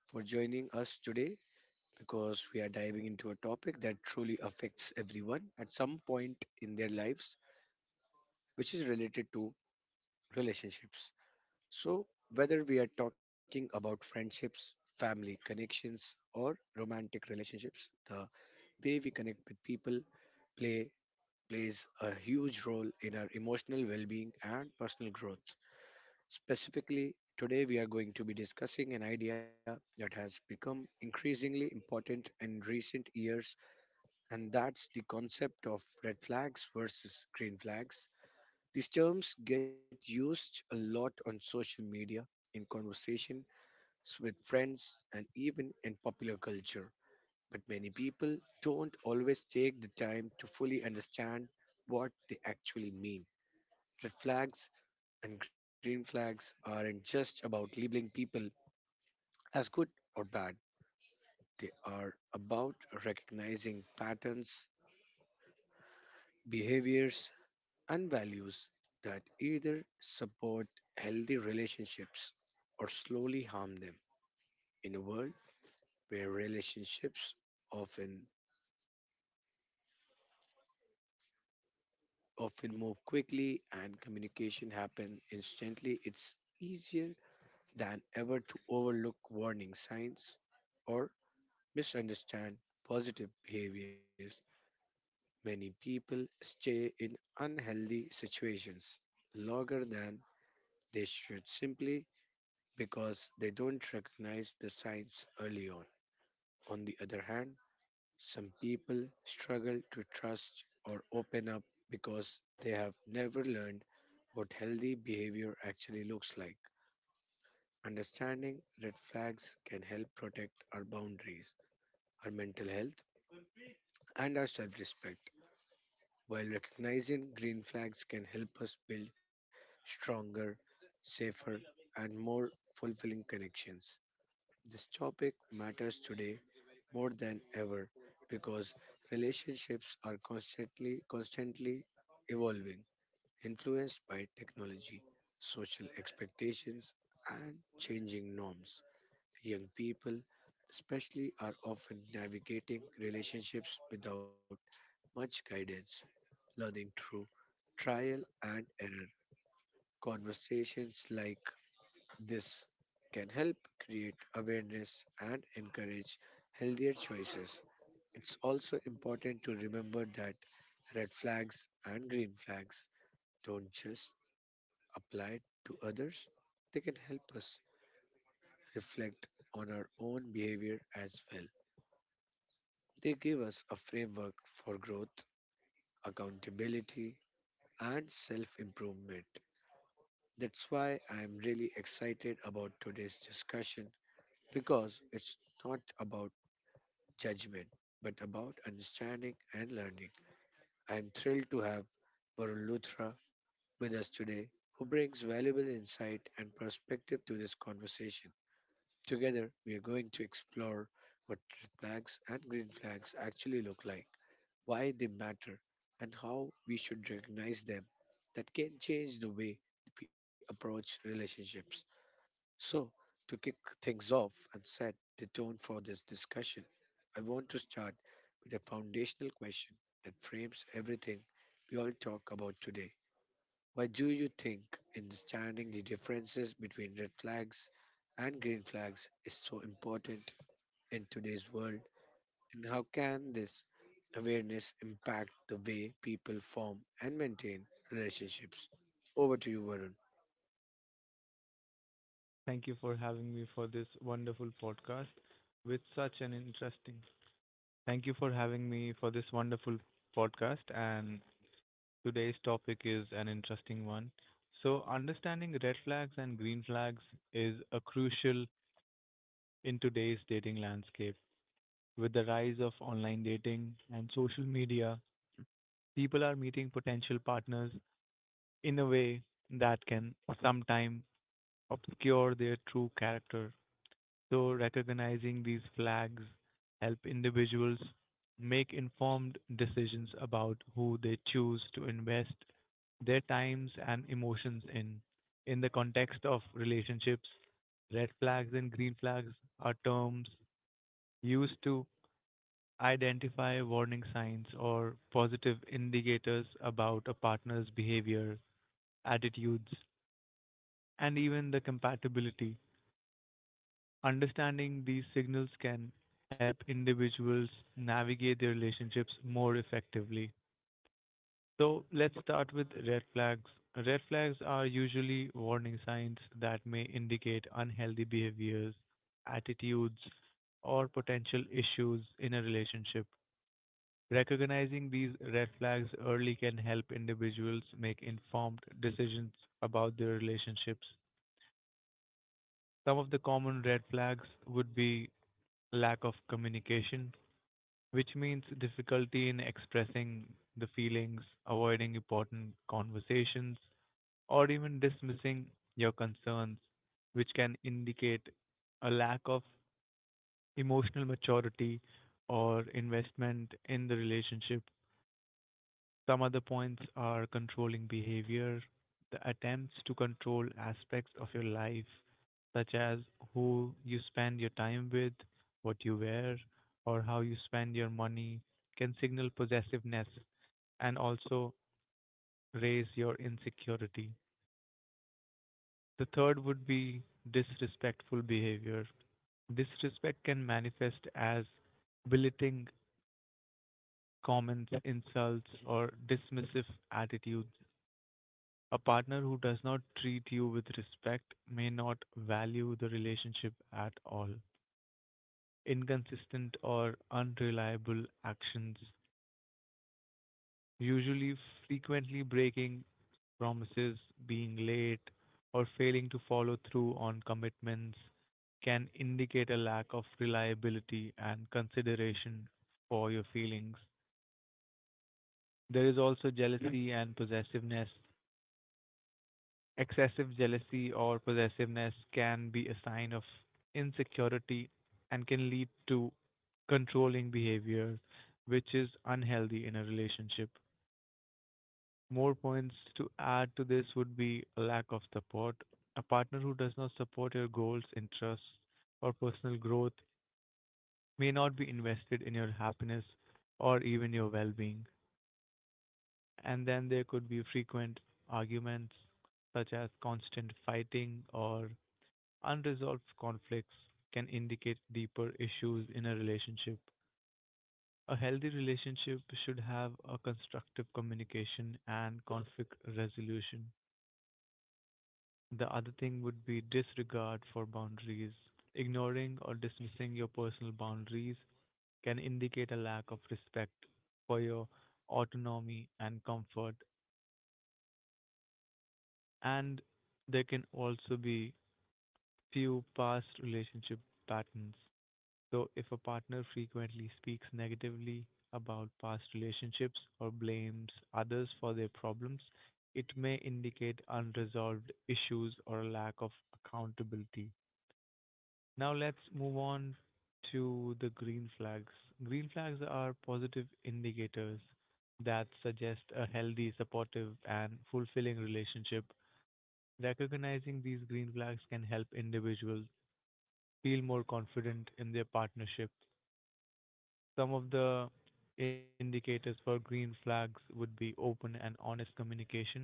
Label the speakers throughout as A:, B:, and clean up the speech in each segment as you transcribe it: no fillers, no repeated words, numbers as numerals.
A: for joining us today because we are diving into a topic that truly affects everyone at some point in their lives, which is related to relationships. So, whether we are talking about friendships, family connections, or romantic relationships, the way we connect with people play plays a huge role in our emotional well-being and personal growth. Specifically, today we are going to be discussing an idea that has become increasingly important in recent years, and that's the concept of red flags versus green flags. These terms get used a lot on social media, in conversations with friends, and even in popular culture. But many people don't always take the time to fully understand what they actually mean. Red flags and green flags aren't just about labeling people as good or bad, they are about recognizing patterns, behaviors, and values that either support healthy relationships or slowly harm them. In a world where relationships often often move quickly and communication happen instantly, it's easier than ever to overlook warning signs or misunderstand positive behaviors. Many people stay in unhealthy situations longer than they should simply because they don't recognize the signs early on. On the other hand, some people struggle to trust or open up because they have never learned what healthy behavior actually looks like. Understanding red flags can help protect our boundaries, our mental health, and our self respect. While recognizing green flags can help us build stronger, safer, and more fulfilling connections, this topic matters today more than ever because relationships are constantly evolving, influenced by technology, social expectations, and changing norms. Young people, especially, are often navigating relationships without much guidance, learning through trial and error. Conversations like this can help create awareness and encourage healthier choices. It's also important to remember that red flags and green flags don't just apply to others, they can help us reflect on our own behavior as well. They give us a framework for growth, accountability, and self improvement. That's why I'm really excited about today's discussion, because it's not about judgment but about understanding and learning. I'm thrilled to have Varun Luthra with us today, who brings valuable insight and perspective to this conversation. Together, we are going to explore what red flags and green flags actually look like, why they matter, and how we should recognize them that can change the way we approach relationships. So, to kick things off and set the tone for this discussion, I want to start with a foundational question that frames everything we all talk about today. Why do you think understanding the differences between red flags and green flags is so important in today's world? And how can this awareness impact the way people form and maintain relationships? Over to you, Varun.
B: Thank you for having me for this wonderful podcast with such an interesting. Thank you for having me for this wonderful podcast. And today's topic is an interesting one. So, understanding red flags and green flags is a crucial in today's dating landscape. With the rise of online dating and social media, people are meeting potential partners in a way that can sometimes obscure their true character. So recognizing these flags help individuals make informed decisions about who they choose to invest their times and emotions in. In the context of relationships, red flags and green flags are terms used to identify warning signs or positive indicators about a partner's behavior, attitudes, and even the compatibility. Understanding these signals can help individuals navigate their relationships more effectively. So let's start with red flags. Red flags are usually warning signs that may indicate unhealthy behaviors, attitudes, or potential issues in a relationship. Recognizing these red flags early can help individuals make informed decisions about their relationships. Some of the common red flags would be lack of communication, which means difficulty in expressing the feelings, avoiding important conversations, or even dismissing your concerns, which can indicate a lack of emotional maturity or investment in the relationship. Some other points are controlling behavior, the attempts to control aspects of your life, such as who you spend your time with, what you wear, or how you spend your money, can signal possessiveness and also raise your insecurity. The third would be disrespectful behavior. Disrespect can manifest as belittling comments, insults, or dismissive attitudes. A partner who does not treat you with respect may not value the relationship at all. Inconsistent or unreliable actions, usually frequently breaking promises, being late, or failing to follow through on commitments, can indicate a lack of reliability and consideration for your feelings. There is also jealousy and possessiveness. Excessive jealousy or possessiveness can be a sign of insecurity and can lead to controlling behavior, which is unhealthy in a relationship. More points to add to this would be a lack of support. A partner who does not support your goals, interests, or personal growth may not be invested in your happiness or even your well being. And then there could be frequent arguments, such as constant fighting or unresolved conflicts can indicate deeper issues in a relationship. A healthy relationship should have a constructive communication and conflict resolution. The other thing would be disregard for boundaries. Ignoring or dismissing your personal boundaries can indicate a lack of respect for your autonomy and comfort. And there can also be few past relationship patterns. So, if a partner frequently speaks negatively about past relationships or blames others for their problems, it may indicate unresolved issues or a lack of accountability. Now, let's move on to the green flags. Green flags are positive indicators that suggest a healthy, supportive, and fulfilling relationship. Recognizing these green flags can help individuals feel more confident in their partnership. Some of the indicators for green flags would be open and honest communication.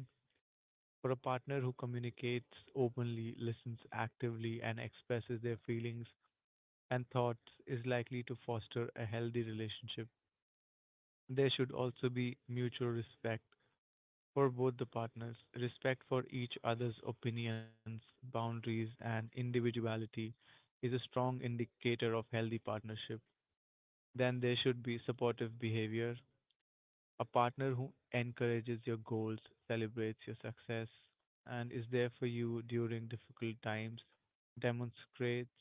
B: For a partner who communicates openly, listens actively, and expresses their feelings and thoughts is likely to foster a healthy relationship. There should also be mutual respect for both the partners, respect for each other's opinions, boundaries, and individuality is a strong indicator of healthy partnership. Then there should be supportive behavior. A partner who encourages your goals, celebrates your success, and is there for you during difficult times demonstrates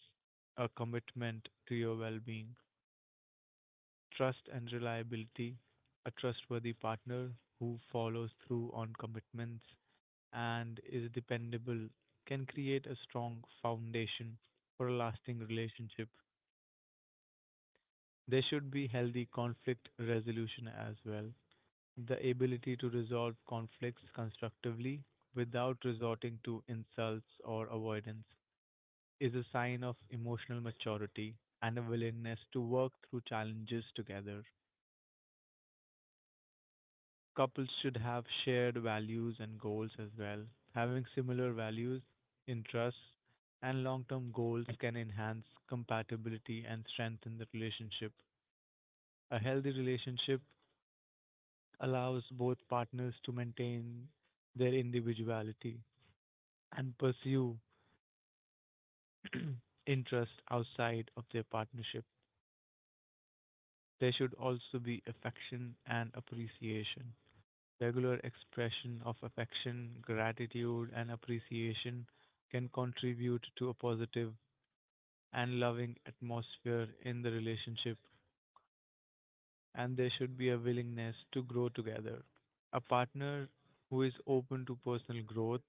B: a commitment to your well being. Trust and reliability. A trustworthy partner who follows through on commitments and is dependable can create a strong foundation for a lasting relationship. There should be healthy conflict resolution as well. The ability to resolve conflicts constructively without resorting to insults or avoidance is a sign of emotional maturity and a willingness to work through challenges together. Couples should have shared values and goals as well. Having similar values, interests, and long term goals can enhance compatibility and strengthen the relationship. A healthy relationship allows both partners to maintain their individuality and pursue interest outside of their partnership. There should also be affection and appreciation. Regular expression of affection, gratitude, and appreciation can contribute to a positive and loving atmosphere in the relationship, and there should be a willingness to grow together. A partner who is open to personal growth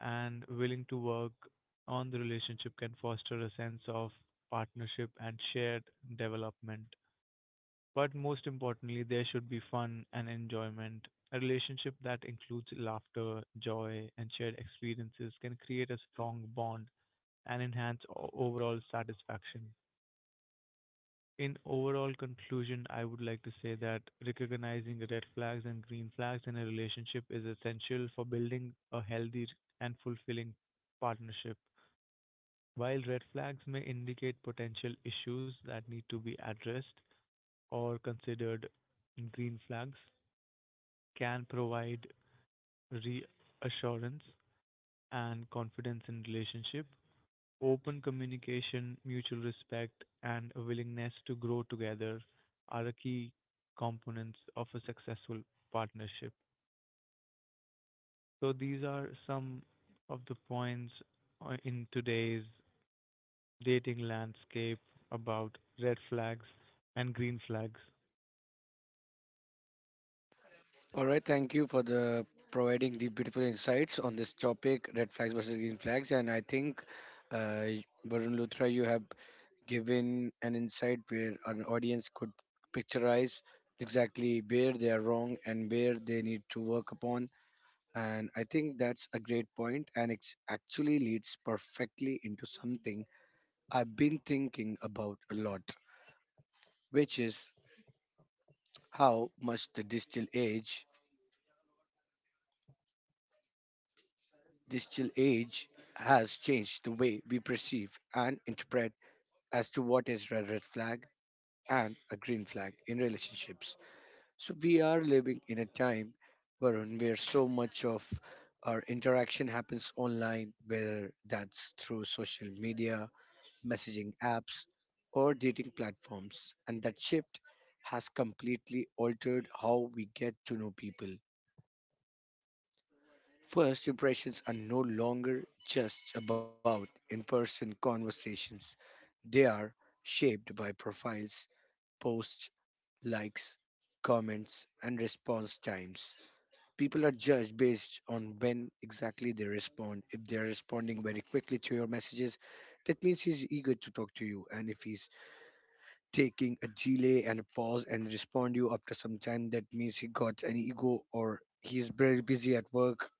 B: and willing to work on the relationship can foster a sense of partnership and shared development. But most importantly, there should be fun and enjoyment. A relationship that includes laughter, joy, and shared experiences can create a strong bond and enhance overall satisfaction. In overall conclusion, I would like to say that recognizing red flags and green flags in a relationship is essential for building a healthy and fulfilling partnership. While red flags may indicate potential issues that need to be addressed or considered, green flags can provide reassurance and confidence in relationship. Open communication, mutual respect, and a willingness to grow together are the key components of a successful partnership. So these are some of the points in today's dating landscape, about red flags and green flags.
A: All right, thank you for the providing the beautiful insights on this topic, red flags versus green flags, and I think, uh, Varun Luthra, you have given an insight where an audience could picturize exactly where they are wrong and where they need to work upon, and I think that's a great point, and it actually leads perfectly into something I've been thinking about a lot, which is how much the digital age has changed the way we perceive and interpret as to what is a red flag and a green flag in relationships. So we are living in a time, Varun, where so much of our interaction happens online, whether that's through social media, messaging apps, or dating platforms. And that shift has completely altered how we get to know people. First impressions are no longer just about in person conversations, they are shaped by profiles, posts, likes, comments, and response times. People are judged based on when exactly they respond. If they are responding very quickly to your messages, that means he's eager to talk to you. And if he's taking a delay and a pause and respond you after some time, that means he got an ego or he's very busy at work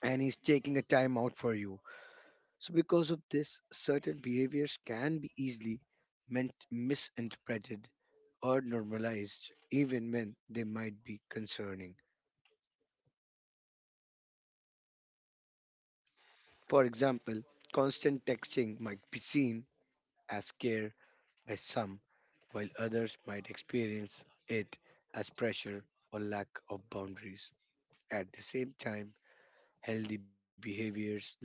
A: and he's taking a time out for you. So, because of this, certain behaviors can be easily meant misinterpreted or normalized, even when they might be concerning. For example, constant texting might be seen as care by some, while others might experience it as pressure or lack of boundaries. At the same time, healthy behaviors like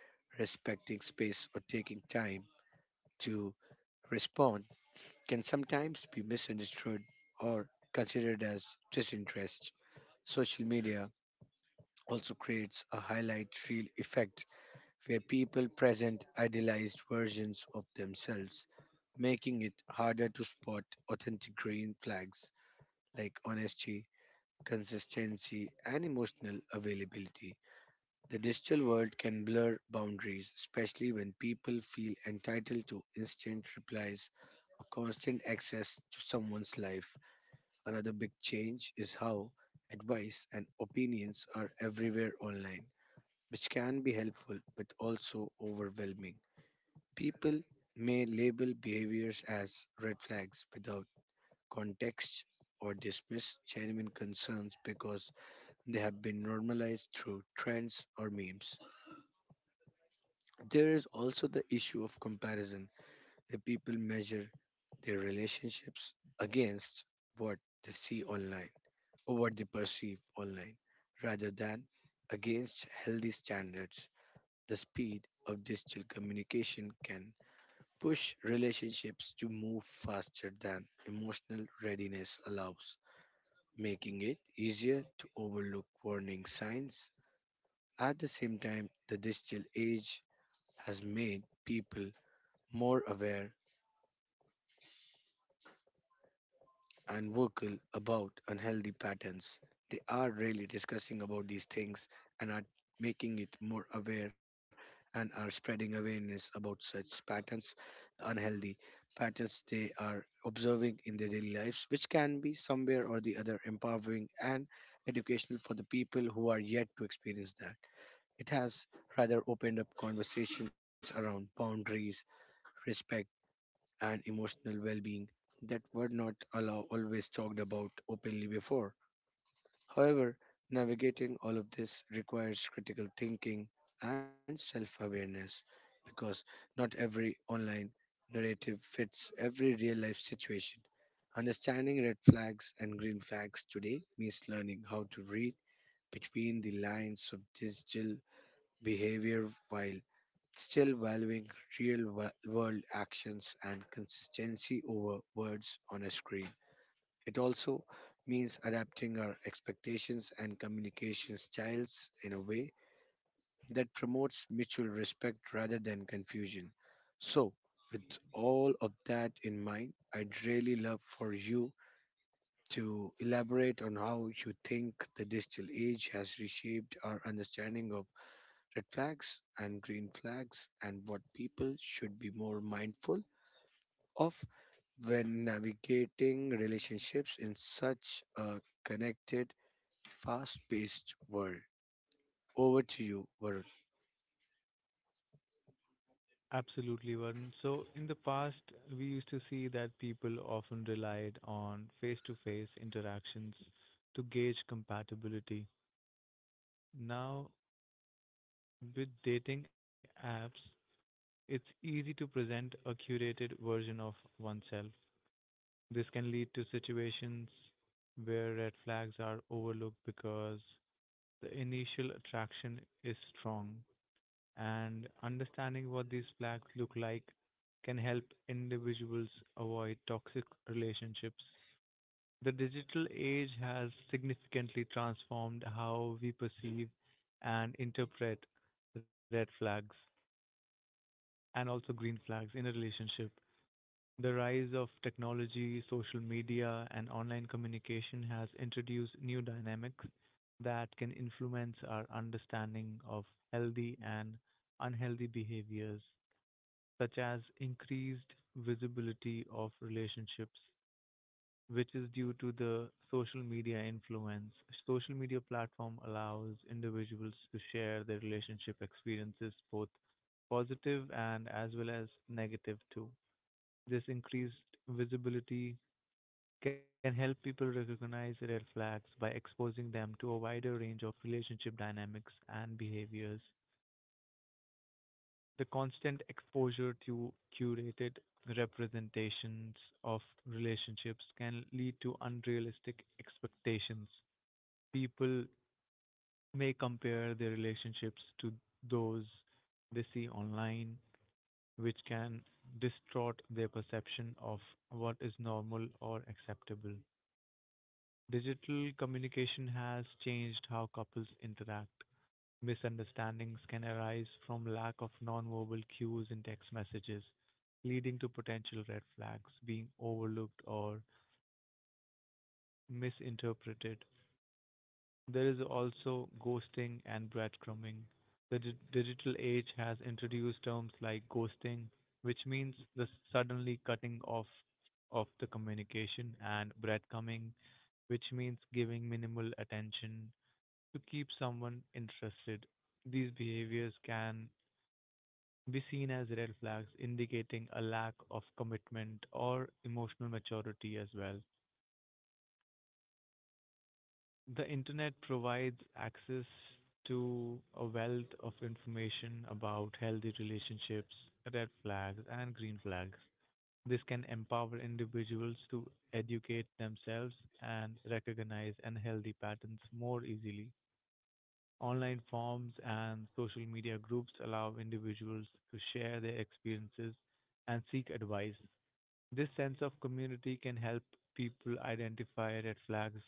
A: respecting space or taking time to respond can sometimes be misunderstood or considered as disinterest. Social media also creates a highlight reel effect where people present idealized versions of themselves, making it harder to spot authentic green flags like honesty, consistency, and emotional availability. The digital world can blur boundaries, especially when people feel entitled to instant replies or constant access to someone's life. Another big change is how advice and opinions are everywhere online, which can be helpful but also overwhelming. People may label behaviors as red flags without context or dismiss genuine concerns because they have been normalized through trends or memes. There is also the issue of comparison, where people measure their relationships against what they see online or what they perceive online rather than against healthy standards. The speed of digital communication can push relationships to move faster than emotional readiness allows, making it easier to overlook warning signs. At the same time, the digital age has made people more aware and vocal about unhealthy patterns. They are really discussing about these things and are making it more aware and are spreading awareness about such patterns, unhealthy patterns they are observing in their daily lives, which can be somewhere or the other empowering and educational for the people who are yet to experience that. It has rather opened up conversations around boundaries, respect and emotional well being that were not allow, always talked about openly before. However, navigating all of this requires critical thinking and self awareness, because not every online narrative fits every real life situation. Understanding red flags and green flags today means learning how to read between the lines of digital behavior while still valuing world actions and consistency over words on a screen. It also means adapting our expectations and communication styles in a way that promotes mutual respect rather than confusion. So, with all of that in mind, I'd really love for you to elaborate on how you think the digital age has reshaped our understanding of red flags and green flags, and what people should be more mindful of when navigating relationships in such a connected, fast paced world. Over to you, Varun.
B: Absolutely, Varun. So, in the past, we used to see that people often relied on face to face interactions to gauge compatibility. Now, with dating apps, it's easy to present a curated version of oneself. This can lead to situations where red flags are overlooked because the initial attraction is strong. And understanding what these flags look like can help individuals avoid toxic relationships. The digital age has significantly transformed how we perceive and interpret red flags and also green flags in a relationship. The rise of technology, social media, and online communication has introduced new dynamics that can influence our understanding of healthy and unhealthy behaviors, such as increased visibility of relationships, which is due to the social media influence. Social media platform allows individuals to share their relationship experiences, both positive and as well as negative too. This increased visibility can help people recognize red flags by exposing them to a wider range of relationship dynamics and behaviors. The constant exposure to curated representations of relationships can lead to unrealistic expectations. People may compare their relationships to those they see online, which can distort their perception of what is normal or acceptable. Digital communication has changed how couples interact. Misunderstandings can arise from lack of nonverbal cues in text messages, leading to potential red flags being overlooked or misinterpreted. There is also ghosting and breadcrumbing. The digital age has introduced terms like ghosting, which means the suddenly cutting off of the communication, and breadcrumbing, which means giving minimal attention to keep someone interested. These behaviors can be seen as red flags indicating a lack of commitment or emotional maturity as well. The internet provides access to a wealth of information about healthy relationships, red flags, and green flags. This can empower individuals to educate themselves and recognize unhealthy patterns more easily. Online forums and social media groups allow individuals to share their experiences and seek advice. This sense of community can help people identify red flags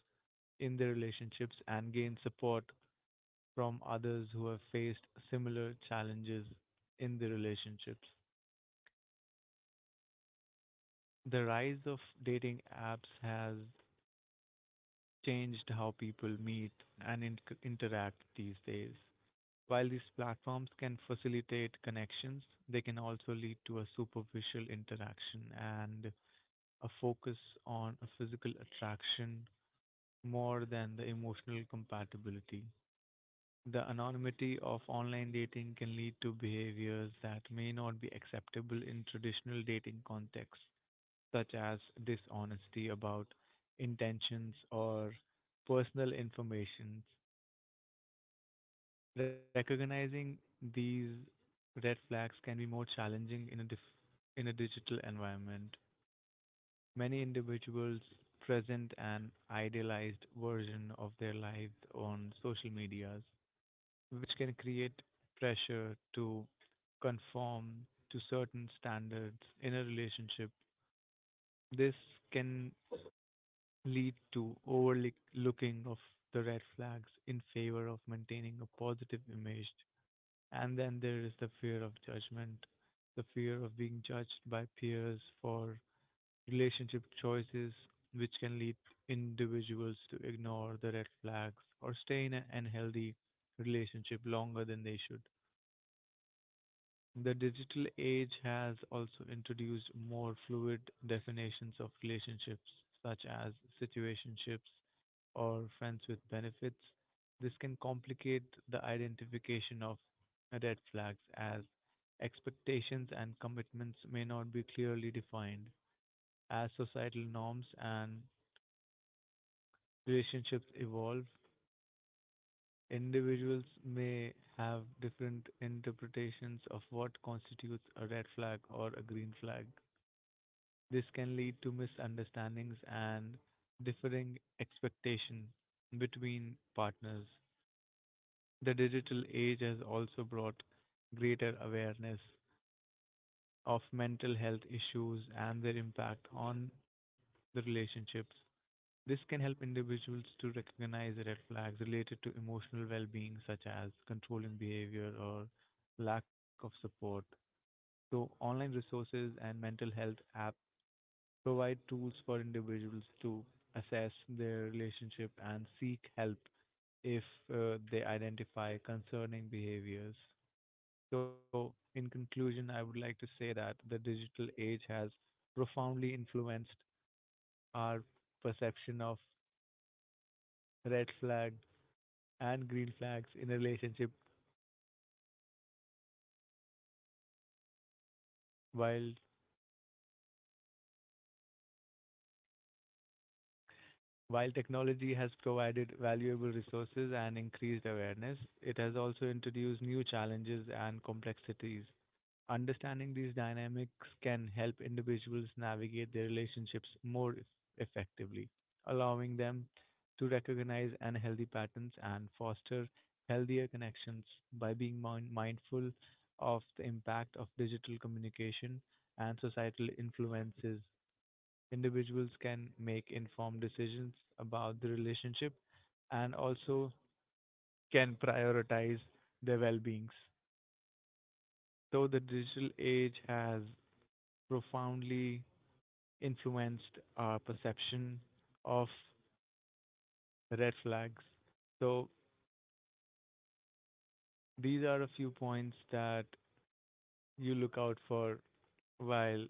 B: in their relationships and gain support from others who have faced similar challenges in their relationships. The rise of dating apps has changed how people meet and interact these days. While these platforms can facilitate connections, they can also lead to a superficial interaction and a focus on a physical attraction more than the emotional compatibility. The anonymity of online dating can lead to behaviors that may not be acceptable in traditional dating contexts, such as dishonesty about intentions or personal information. Recognizing these red flags can be more challenging in a digital environment. Many individuals present an idealized version of their lives on social medias, which can create pressure to conform to certain standards in a relationship. This can lead to overlooking of the red flags in favor of maintaining a positive image. And then there is the fear of judgment, the fear of being judged by peers for relationship choices, which can lead individuals to ignore the red flags or stay in an unhealthy relationship longer than they should. The digital age has also introduced more fluid definitions of relationships, such as situationships or friends with benefits. This can complicate the identification of red flags as expectations and commitments may not be clearly defined. As societal norms and relationships evolve, individuals may have different interpretations of what constitutes a red flag or a green flag. This can lead to misunderstandings and differing expectations between partners. The digital age has also brought greater awareness of mental health issues and their impact on the relationships. This can help individuals to recognize red flags related to emotional well being, such as controlling behavior or lack of support. So, online resources and mental health apps provide tools for individuals to assess their relationship and seek help if they identify concerning behaviors. So, in conclusion, I would like to say that the digital age has profoundly influenced our perception of red flags and green flags in a relationship. While while technology has provided valuable resources and increased awareness, it has also introduced new challenges and complexities. Understanding these dynamics can help individuals navigate their relationships more effectively, allowing them to recognize unhealthy patterns and foster healthier connections by being mindful of the impact of digital communication and societal influences. Individuals can make informed decisions about the relationship and also can prioritize their well beings. Though the digital age has profoundly influenced our perception of red flags. So these are a few points that you look out for while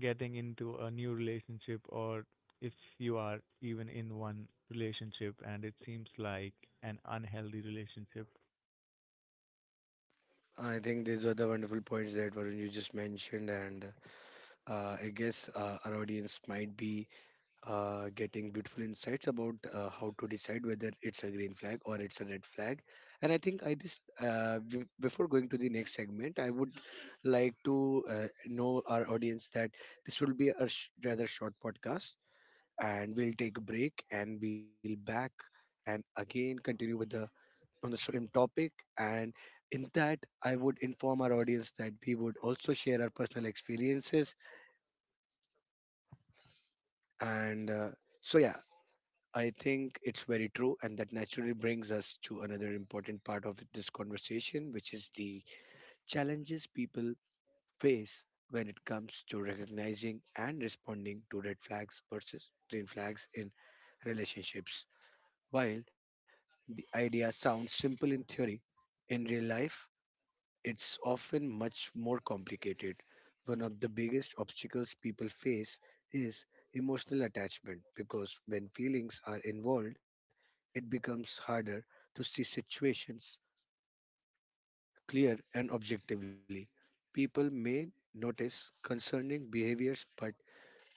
B: getting into a new relationship or if you are even in one relationship and it seems like an unhealthy relationship.
A: I think these are the wonderful points that Varun you just mentioned, and I guess our audience might be getting beautiful insights about how to decide whether it's a green flag or it's a red flag. And I think I this before going to the next segment, I would like to know our audience that this will be a rather short podcast, and we'll take a break and we'll back and again continue with the on the same topic and. In that, I would inform our audience that we would also share our personal experiences and so yeah, I think it's very true, and that naturally brings us to another important part of this conversation, which is the challenges people face when it comes to recognizing and responding to red flags versus green flags in relationships. While the idea sounds simple in theory, in real life, it's often much more complicated. One of the biggest obstacles people face is emotional attachment, because when feelings are involved, it becomes harder to see situations clear and objectively. People may notice concerning behaviors but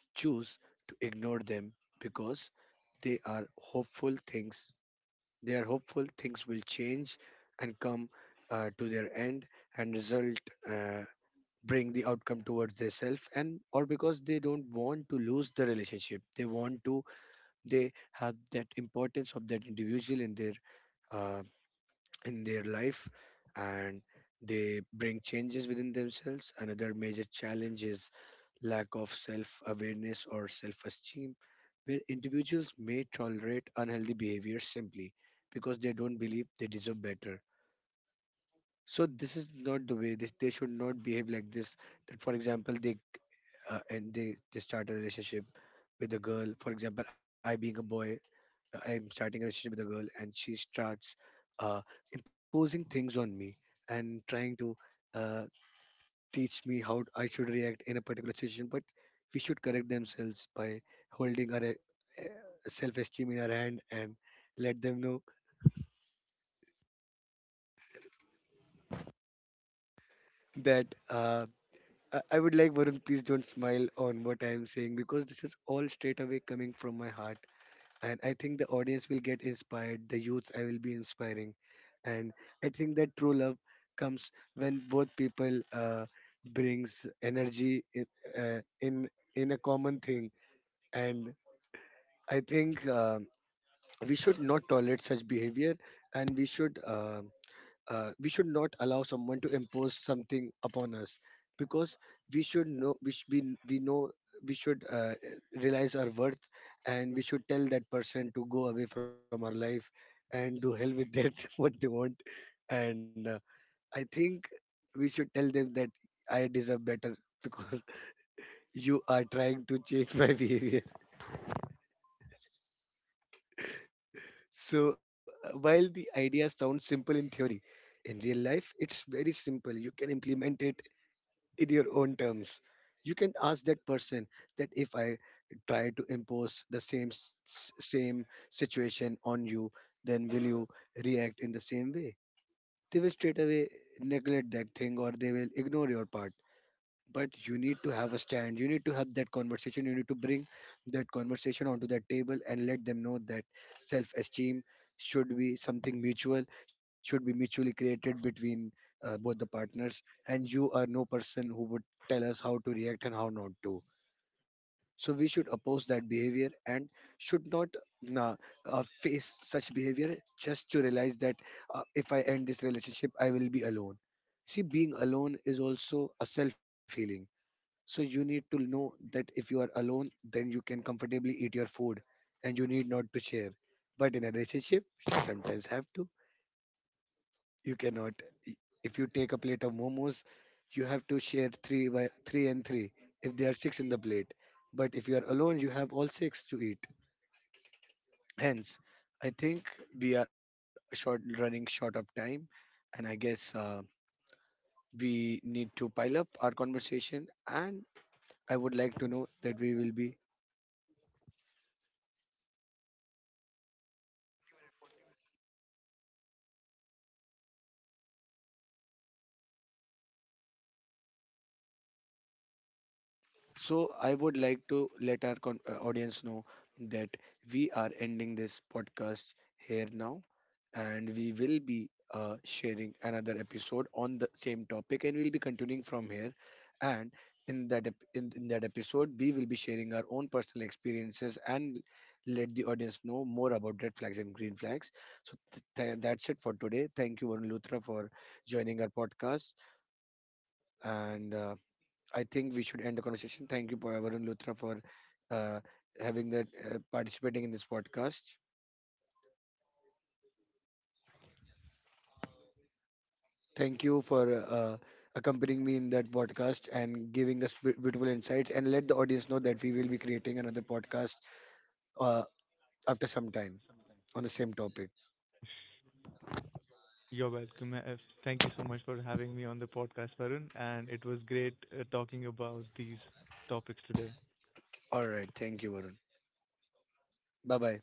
A: choose to ignore them because they are hopeful things. They are hopeful things will change and come to their end and result. Uh, Bring the outcome towards themselves and or because they don't want to lose the relationship, they want to, they have that importance of that individual uh, in their life, and they bring changes within themselves. Another major challenge is lack of self awareness or self esteem, where individuals may tolerate unhealthy behavior simply because they don't believe they deserve better. So this is not the way they should not behave like this. That for example they and they start a relationship with a girl, for example I being a boy, I'm starting a relationship with a girl and she starts uh, imposing things on me and trying to uh, teach me how I should react in a particular situation, but we should correct themselves by holding our self-esteem in our hand and let them know that I would like, Varun, please don't smile on what I am saying, because this is all straight away coming from my heart. And I think the audience will get inspired, the youth I will be inspiring. And I think that true love comes when both people brings energy in, uh, in in a common thing. And I think we should not tolerate such behavior and we should not allow someone to impose something upon us because we should know we sh- we know we should realize our worth and we should tell that person to go away from our life and do hell with that what they want and I think we should tell them that I deserve better because you are trying to change my behavior so while the idea sounds simple in theory in real life it's very simple you can implement it in your own terms. You can ask that person that if I try to impose the same situation on you, then will you react in the same way? They will straight away neglect that thing or they will ignore your part, but you need to have a stand, you need to have that conversation, you need to bring that conversation onto that table and let them know that self esteem should be something mutual, should be mutually created between both the partners, and you are no person who would tell us how to react and how not to. So we should oppose that behavior and should not uh, face such behavior just to realize that if I end this relationship I will be alone. See, being alone is also a self healing. So you need to know that if you are alone, then you can comfortably eat your food and you need not to share. But in a relationship, you sometimes have to. You cannot. i- If you take a plate of momos, you have to share three by three and three if there are six in the plate. But if you are alone, you have all six to eat. Hence, I think we are short running short of time, and I guess we need to pile up our conversation. And I would like to know that we will be So I would like to let our audience know that we are ending this podcast here now, and we will be sharing another episode on the same topic, and we'll be continuing from here. And in that ep- in that episode, we will be sharing our own personal experiences and let the audience know more about red flags and green flags. So that's it for today. Thank you, Varun Luthra, for joining our podcast, and. I think we should end the conversation. Thank you, for Varun Luthra, for uh, having that participating in this podcast. Thank you for accompanying me in that podcast and giving us beautiful insights. And let the audience know that we will be creating another podcast uh, after some time on the same topic.
B: You're welcome. Thank you so much for having me on the podcast, Varun, and it was great talking about these topics today.
A: All right. Thank you, Varun. Bye bye.